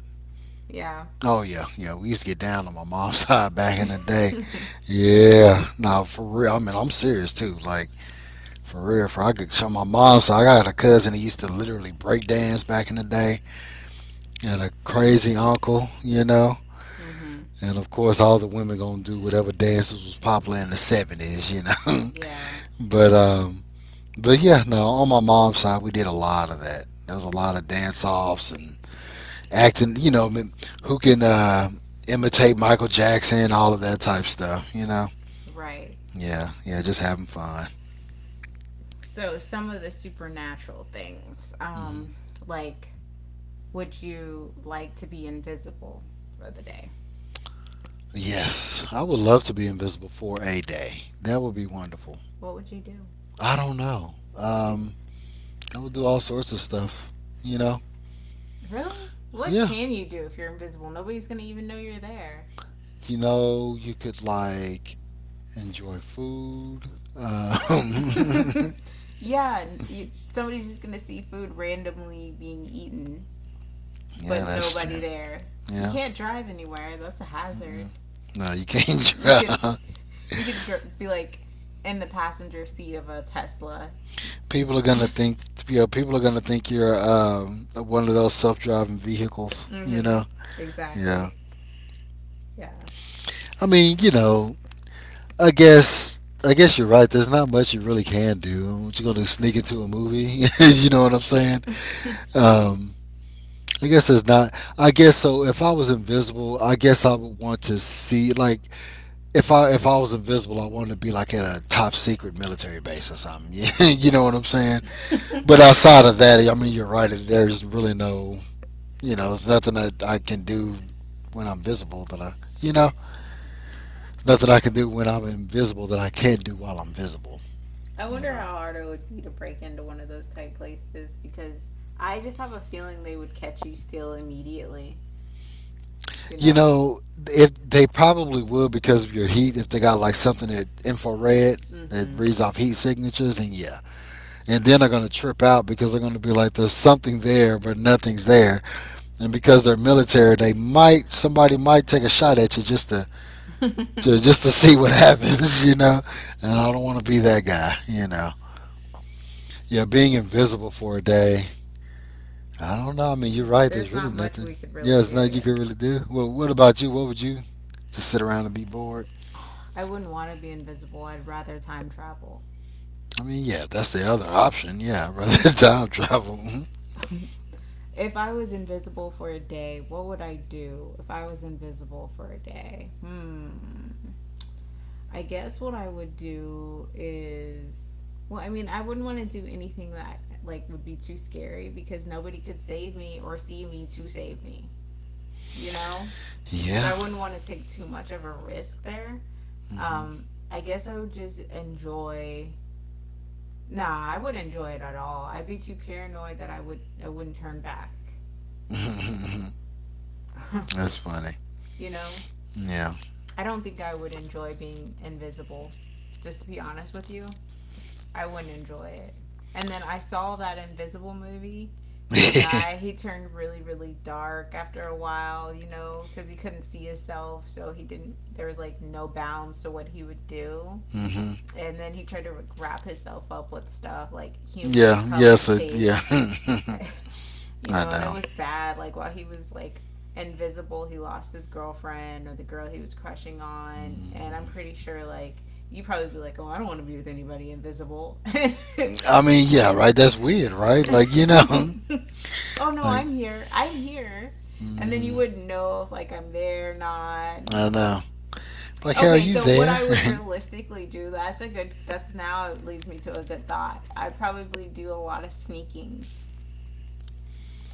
Yeah. Oh yeah, yeah. We used to get down on my mom's side back in the day. Yeah. Nah, for real. I mean, I'm serious too. Like, for real. For I could show my mom's side. I got a cousin that used to literally break dance back in the day. And a crazy uncle, you know. Hmm. And of course, all the women gonna do whatever dances was popular in the '70s, you know. Yeah, but um, but yeah, no. On my mom's side, we did a lot of that. There was a lot of dance offs and acting, you know, I mean, who can imitate Michael Jackson, all of that type stuff, you know? right. Yeah, yeah, just having fun. So some of the supernatural things, Hmm. like would you like to be invisible for the day? Yes, I would love to be invisible for a day. That would be wonderful. What would you do? I don't know. I would do all sorts of stuff, you know? Really? What Yeah, can you do if you're invisible? Nobody's gonna even know you're there. you know, you could like enjoy food. Um, Yeah, somebody's just gonna see food randomly being eaten, but yeah, that's true. nobody there. You Yeah. can't drive anywhere. That's a hazard. Mm-mm. No, you can't You could, drive. you could be like in the passenger seat of a Tesla. People are gonna think, you know, people are gonna think you're, one of those self-driving vehicles. Mm-hmm. Yeah. Exactly. Yeah. I mean, you know, I guess you're right. There's not much you really can do. What you gonna do? Sneak into a movie? you know what I'm saying? Um, I guess there's not. I guess so. If I was invisible, I guess I would want to see like if I was invisible, I wanted to be like at a top secret military base or something. you know what I'm saying? But outside of that, I mean, you're right. There's really no. It's nothing that I can do when I'm visible that you know, nothing I can do when I'm invisible that I can't do while I'm visible. I You wonder know, how hard it would be to break into one of those type places, because I just have a feeling they would catch you still immediately, you you know? know, if they probably would because of your heat, if they got like something that infrared that Mm-hmm. reads off heat signatures, and yeah, and then they're gonna trip out because they're gonna be like, there's something there, but nothing's there, and because they're military, they might somebody might take a shot at you just to see what happens, you know, and I don't want to be that guy, you know. Yeah, being invisible for a day. I don't know. I mean, you're right. There's There's really not much nothing. we could Yeah, really it's do, nothing you yeah. could really do. Well, what about you? What would you just sit around and be bored? I wouldn't want to be invisible. I'd rather time travel. I mean, yeah, that's the other option. Yeah, rather than time travel. Mhm. If I was invisible for a day, what would I do if I was invisible for a day? Hmm. I guess what I would do is, well, I mean, I wouldn't want to do anything that like would be too scary because nobody could save me or see me to save me, you know? So I Yeah. wouldn't want to take too much of a risk there. Um, I guess I would just enjoy, nah, I wouldn't enjoy it at all. I'd be too paranoid that I wouldn't turn back. Hmm. That's funny. You know? Yeah. I don't think I would enjoy being invisible, just to be honest with you. I wouldn't enjoy it. And then I saw that Invisible movie with the guy. He turned really, really dark after a while, you know, because he couldn't see himself. So he didn't, there was like no bounds to what he would do. Hmm. And then he tried to like wrap himself up with stuff like human Yeah. Yes. colored So tape. yeah. You I know, and it know. was bad. Like while he was like invisible, he lost his girlfriend or the girl he was crushing on, and I'm Mhm. pretty sure like you probably be like, oh, I don't want to be with anybody invisible. I mean, yeah. Right. That's weird. Right. Like you know. And oh no, Like. I'm here. I'm here. And then you Hmm. wouldn't know if like I'm there or not. I And know. Like, how are okay, you so what there? I would realistically do, that's a good that's now it leads me to a good thought. I'd probably do a lot of sneaking,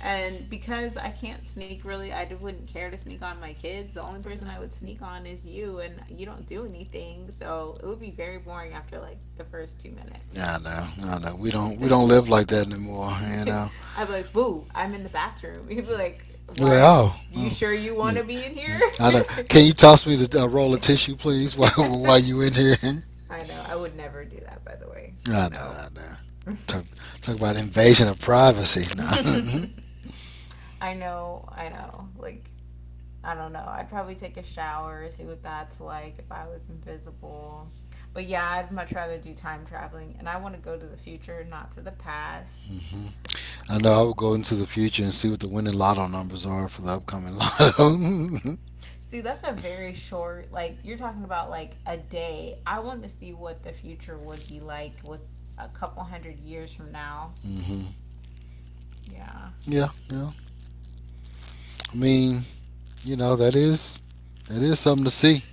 and because I can't sneak really, wouldn't care to sneak on my kids. The only person I would sneak on is you, and you don't do anything. So it would be very boring after like the first 2 minutes. Yeah, I know. I know. We don't live like that anymore. You know. I'd be like, boo, I'm in the bathroom. He would be like, You're like, why? oh, You oh, sure you want to look, be in here? mm, I know. Can you toss me the roll of tissue, please, while you in here? I I know. I would never do that, by the way. know. I No. know. Talk talk about invasion of privacy. No. I know. I know. Like, I don't know. I'd probably take a shower, see what that's like if I was invisible. But yeah, I'd much rather do time traveling, and I want to go to the future, not to the past. Mhm. I know. I will go into the future and see what the winning lotto numbers are for the upcoming lotto. See, that's a very short, like, you're talking about like a day. I want to see what the future would be like with a couple hundred years from now. Hmm. Yeah. Yeah. Yeah. I mean, you know, that is that is something to see.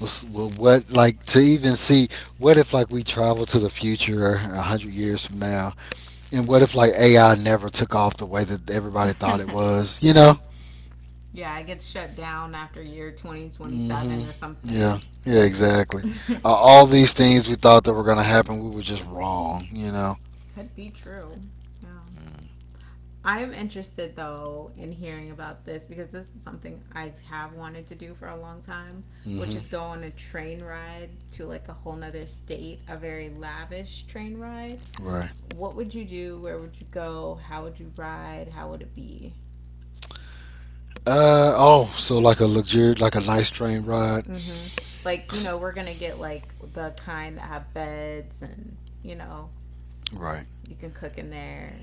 What like to even see what if like we travel to the future 100 years from now, and what if like AI never took off the way that everybody thought it was, you know? Yeah, it gets shut down after year Hmm. 2027 or Yeah, something. yeah, exactly. Could All these things we thought that were gonna happen, we were just wrong, you know? be true. Yeah. I'm interested though in hearing about this, because this is something I have wanted to do for a long time, which Hmm. is go on a train ride to like a whole nother state, a very lavish train ride. Right. What would you do? Where would you go? How would you ride? How would it be? Oh, so like a luxury, like a nice train ride, Mm-hmm. Like, you S- know, we're gonna get like the kind that have beds and, you know, right? you can cook in there.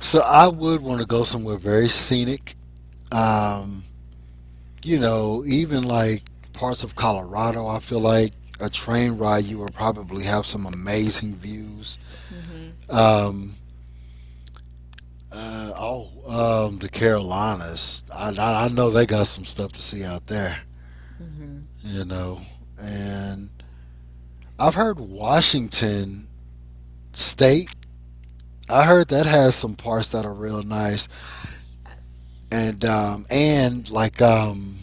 So I would want to go somewhere very scenic. Um, you know, even like parts of Colorado, I feel like a train ride, you will probably have some amazing views. Mm-hmm. Um, uh, oh, the Carolinas. I know they got some stuff to see out there, Mm-hmm. you know. And I've heard Washington State. I heard that has some parts that are real nice, Oh, yes. And like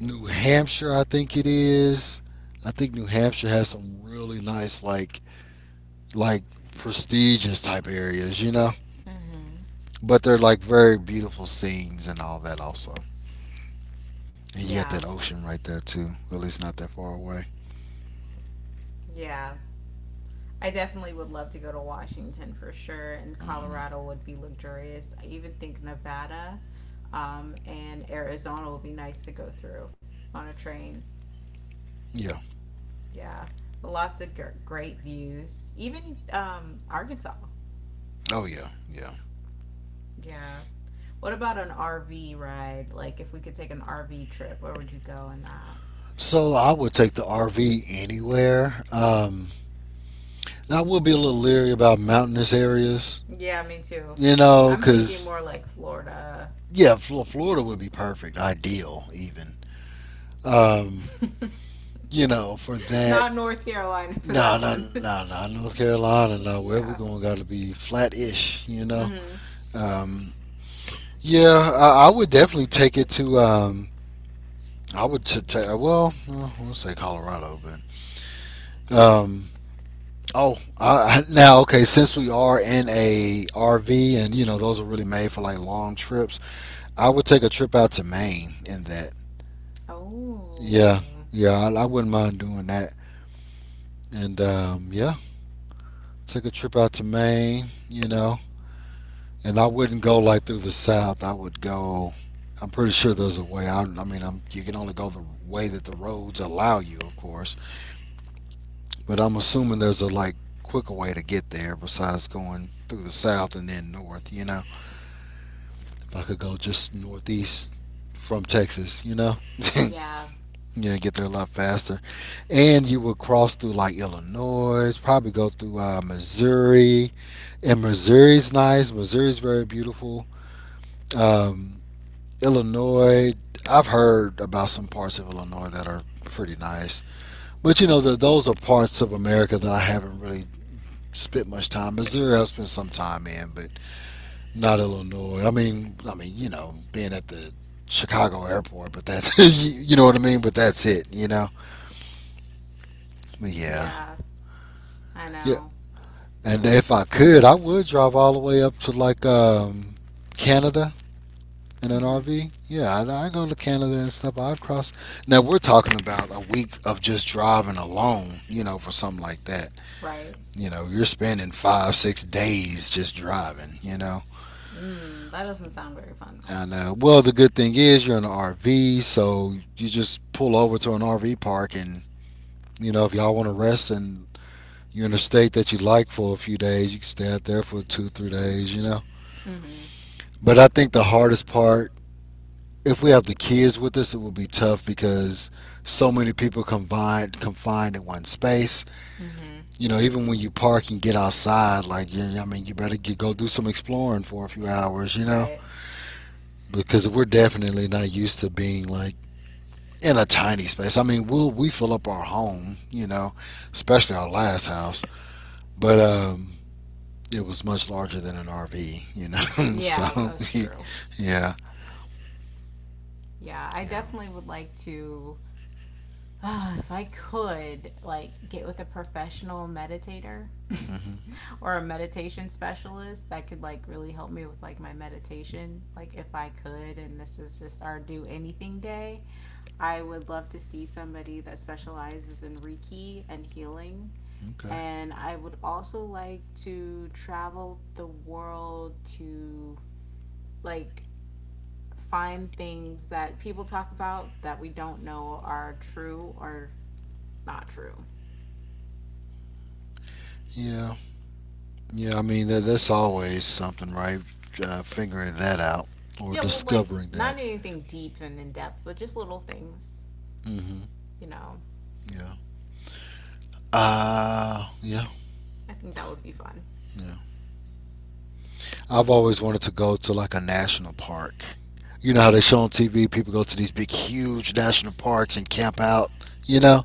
New Hampshire, I think it is. I think New Hampshire has some really nice like prestigious type areas, you know. Mm-hmm. But they're like very beautiful scenes and all that also. And you got that Yeah. ocean right there too. Really, it's not that far away. Yeah. I definitely would love to go to Washington for sure, and Hmm. Colorado would be luxurious. I even think Nevada and Arizona would be nice to go through on a train. Yeah. Yeah, lots of great views. Even Arkansas. Oh yeah. Yeah. Yeah. What about an RV ride? Like, if we could take an RV trip, where would you go in that? So I would take the RV anywhere. And I would be a little leery about mountainous areas, Yeah, me too. you know, I'm thinking because more like Florida, yeah, Florida would be perfect, ideal even. Um, you know, for that. not North Carolina for No, that no, one. no, no. North Carolina, no. Where we're Yeah. going, got to be flat-ish, you know. Hmm. Um, yeah, I would definitely take it to. I would t- ta well, we'll say Colorado, but um, oh, I- now okay. Since we are in a RV, and you know those are really made for like long trips, I would take a trip out to Maine. In that, yeah, Oh, yeah, I wouldn't mind doing that. And yeah, take a trip out to Maine. You know, and I wouldn't go like through the south. I would go. I'm pretty sure there's a way out. You can only go the way that the roads allow you, of course. But I'm assuming there's a like quicker way to get there besides going through the south and then north. You know, if I could go just northeast from Texas, you know, yeah, yeah, get there a lot faster. And you would cross through like Illinois, probably go through Missouri. And Missouri's nice. Missouri's very beautiful. Um, Illinois, I've heard about some parts of Illinois that are pretty nice, but you know those are parts of America that I haven't really spent much time. Missouri, I've spent some time in, but not Illinois. I mean, you know, being at the Chicago airport, but that's you know what I mean. But that's it, you know. Yeah, yeah, I yeah. know. And if I could, I would drive all the way up to like Canada in an Hmm. RV. Yeah, I go to Canada and stuff. I'd cross. Now we're talking about a week of just driving alone. You know, for something like that. Right. You know, you're spending five, six days just driving. You know, Mm, that doesn't sound very fun though. and well, the good thing is you're in an RV, so you just pull over to an RV park, and you know, if y'all want to rest and you're in a state that you like for a few days, you can stay out there for two, three days. You know. Hmm. But I think the hardest part, if we have the kids with us, it will be tough because so many people combined confined in one space. Hmm. You know, even when you park and get outside, I mean, you better go do some exploring for a few hours. You know, Right. because we're definitely not used to being like in a tiny space. We fill up our home. You know, especially our last house, but it was much larger than an RV. You know, so Yeah, that's true. yeah, Yeah, I yeah, definitely would like to, if I could, like get with a professional meditator mm hmm or a meditation specialist that could like really help me with like my meditation, like if I could, and this is just our do anything day. I would love to see somebody that specializes in Reiki and healing. okay, And I would also like to travel the world to like find things that people talk about that we don't know are true or not true. yeah. Yeah, I mean, there's always something, right? Figuring that out or Yeah, well, like discovering not that. anything deep and in depth, but just little things, Hmm. you know. Yeah. Yeah, I think that would be fun. yeah. I've always wanted to go to like a national park. You know how they show on TV people go to these big, huge national parks and camp out. You know,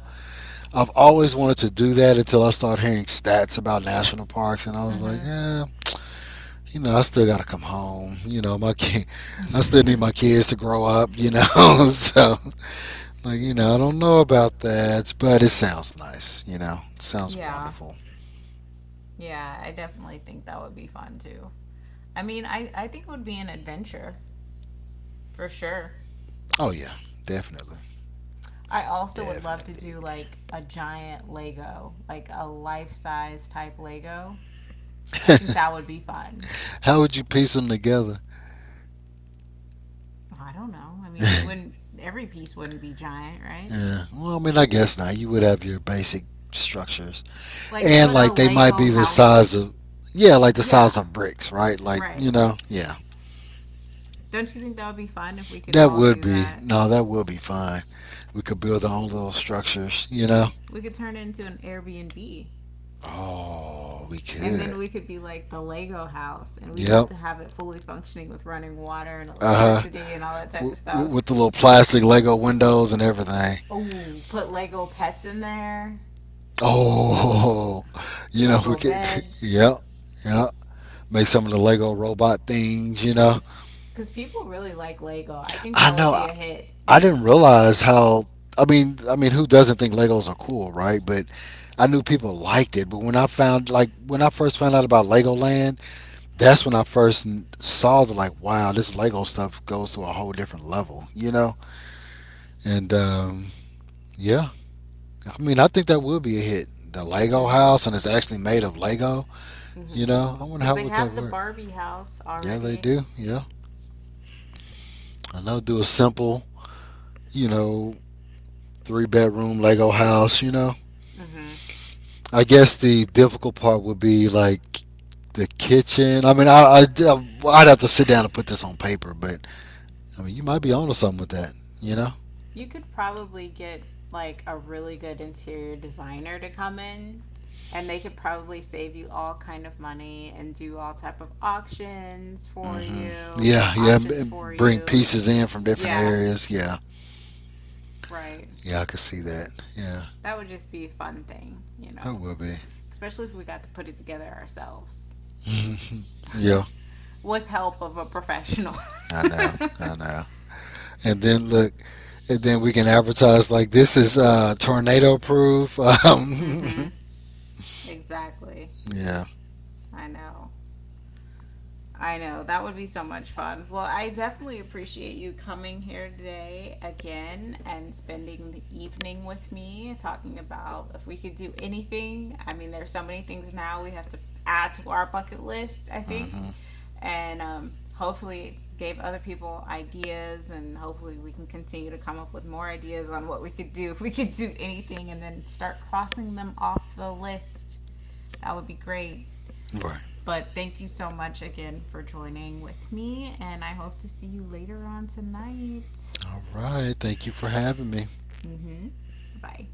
I've always wanted to do that until I started hearing stats about national parks, and I was like, yeah, you know, I still got to come home. You know, my kid, I still Mm-hmm. need my kids to grow up. You know, so like, you know, I don't know about that, but it sounds nice, you know. It sounds Yeah, wonderful. yeah, I definitely think that would be fun too. I mean, I think it would be an adventure. For sure. Oh yeah, definitely. I also would love to Definitely. do like a giant Lego, like a life size type Lego. I think that would be fun. How would you piece them together? I don't know. I mean, they Yeah. wouldn't, every piece wouldn't be giant, right? Well, I mean, I guess not. You would have your basic structures. Like And put a like they might Lego be the house to, size of yeah, like the yeah, size of bricks, right? Like, right. you know, yeah. Don't you think that would be fun if we could That all would do be that? no, that would be fine. We could build our own little structures, you know. We could turn it into an Airbnb, Oh, we and then could. we could be like the Lego house, and we'd have Yep. to have it fully functioning with running water and Uh huh. electricity and all that type with, of stuff. with the little plastic Lego windows and everything. Oh, put Lego pets in there. Oh, you know we Lego could. beds, Yep, yep. Make some of the Lego robot things. You know, because people really like Lego. I think I that would know. be I, a hit. I didn't realize how. I mean, who doesn't think Legos are cool, right? But I knew people liked it. But when I first found out about Legoland, that's when I first saw the like, wow, this Lego stuff goes to a whole different level. You know, and yeah, I mean, I think that would be a hit. The Lego Mhm. house, and it's actually made of Lego. You Mhm. know, I wonder Because how they would that have the work. Barbie house Yeah, they already. do. Yeah, I know. Do a simple, you know, three-bedroom Lego house. You know, Mhm. I guess the difficult part would be like the kitchen. I mean, I I'd have to sit down and put this on paper, but I mean, you might be onto something with that. You know. You could probably get like a really good interior designer to come in, and they could probably save you all kind of money and do all type of auctions for Mm hmm. you, go to Yeah, yeah. auctions for Bring you and pieces in from different yeah, areas. Yeah, right. yeah. I could see that. Yeah, That would just be a fun thing, you that know. would be. Especially if we got to put it together ourselves. Yeah. With help of a professional. I know, I know. And then look, and then we can advertise like this is tornado proof. Um, Mhm. Exactly. yeah. I know. I know. That would be so much fun. Well, I definitely appreciate you coming here today again and spending the evening with me talking about if we could do anything. I mean, there's so many things now we have to add to our bucket list, I think. Hmm. And hopefully gave other people ideas, and hopefully we can continue to come up with more ideas on what we could do if we could do anything and then start crossing them off the list. That would be great. Right. But thank you so much again for joining with me, and I hope to see you later on tonight. All right. Thank you for having me. Mm-hmm. Bye.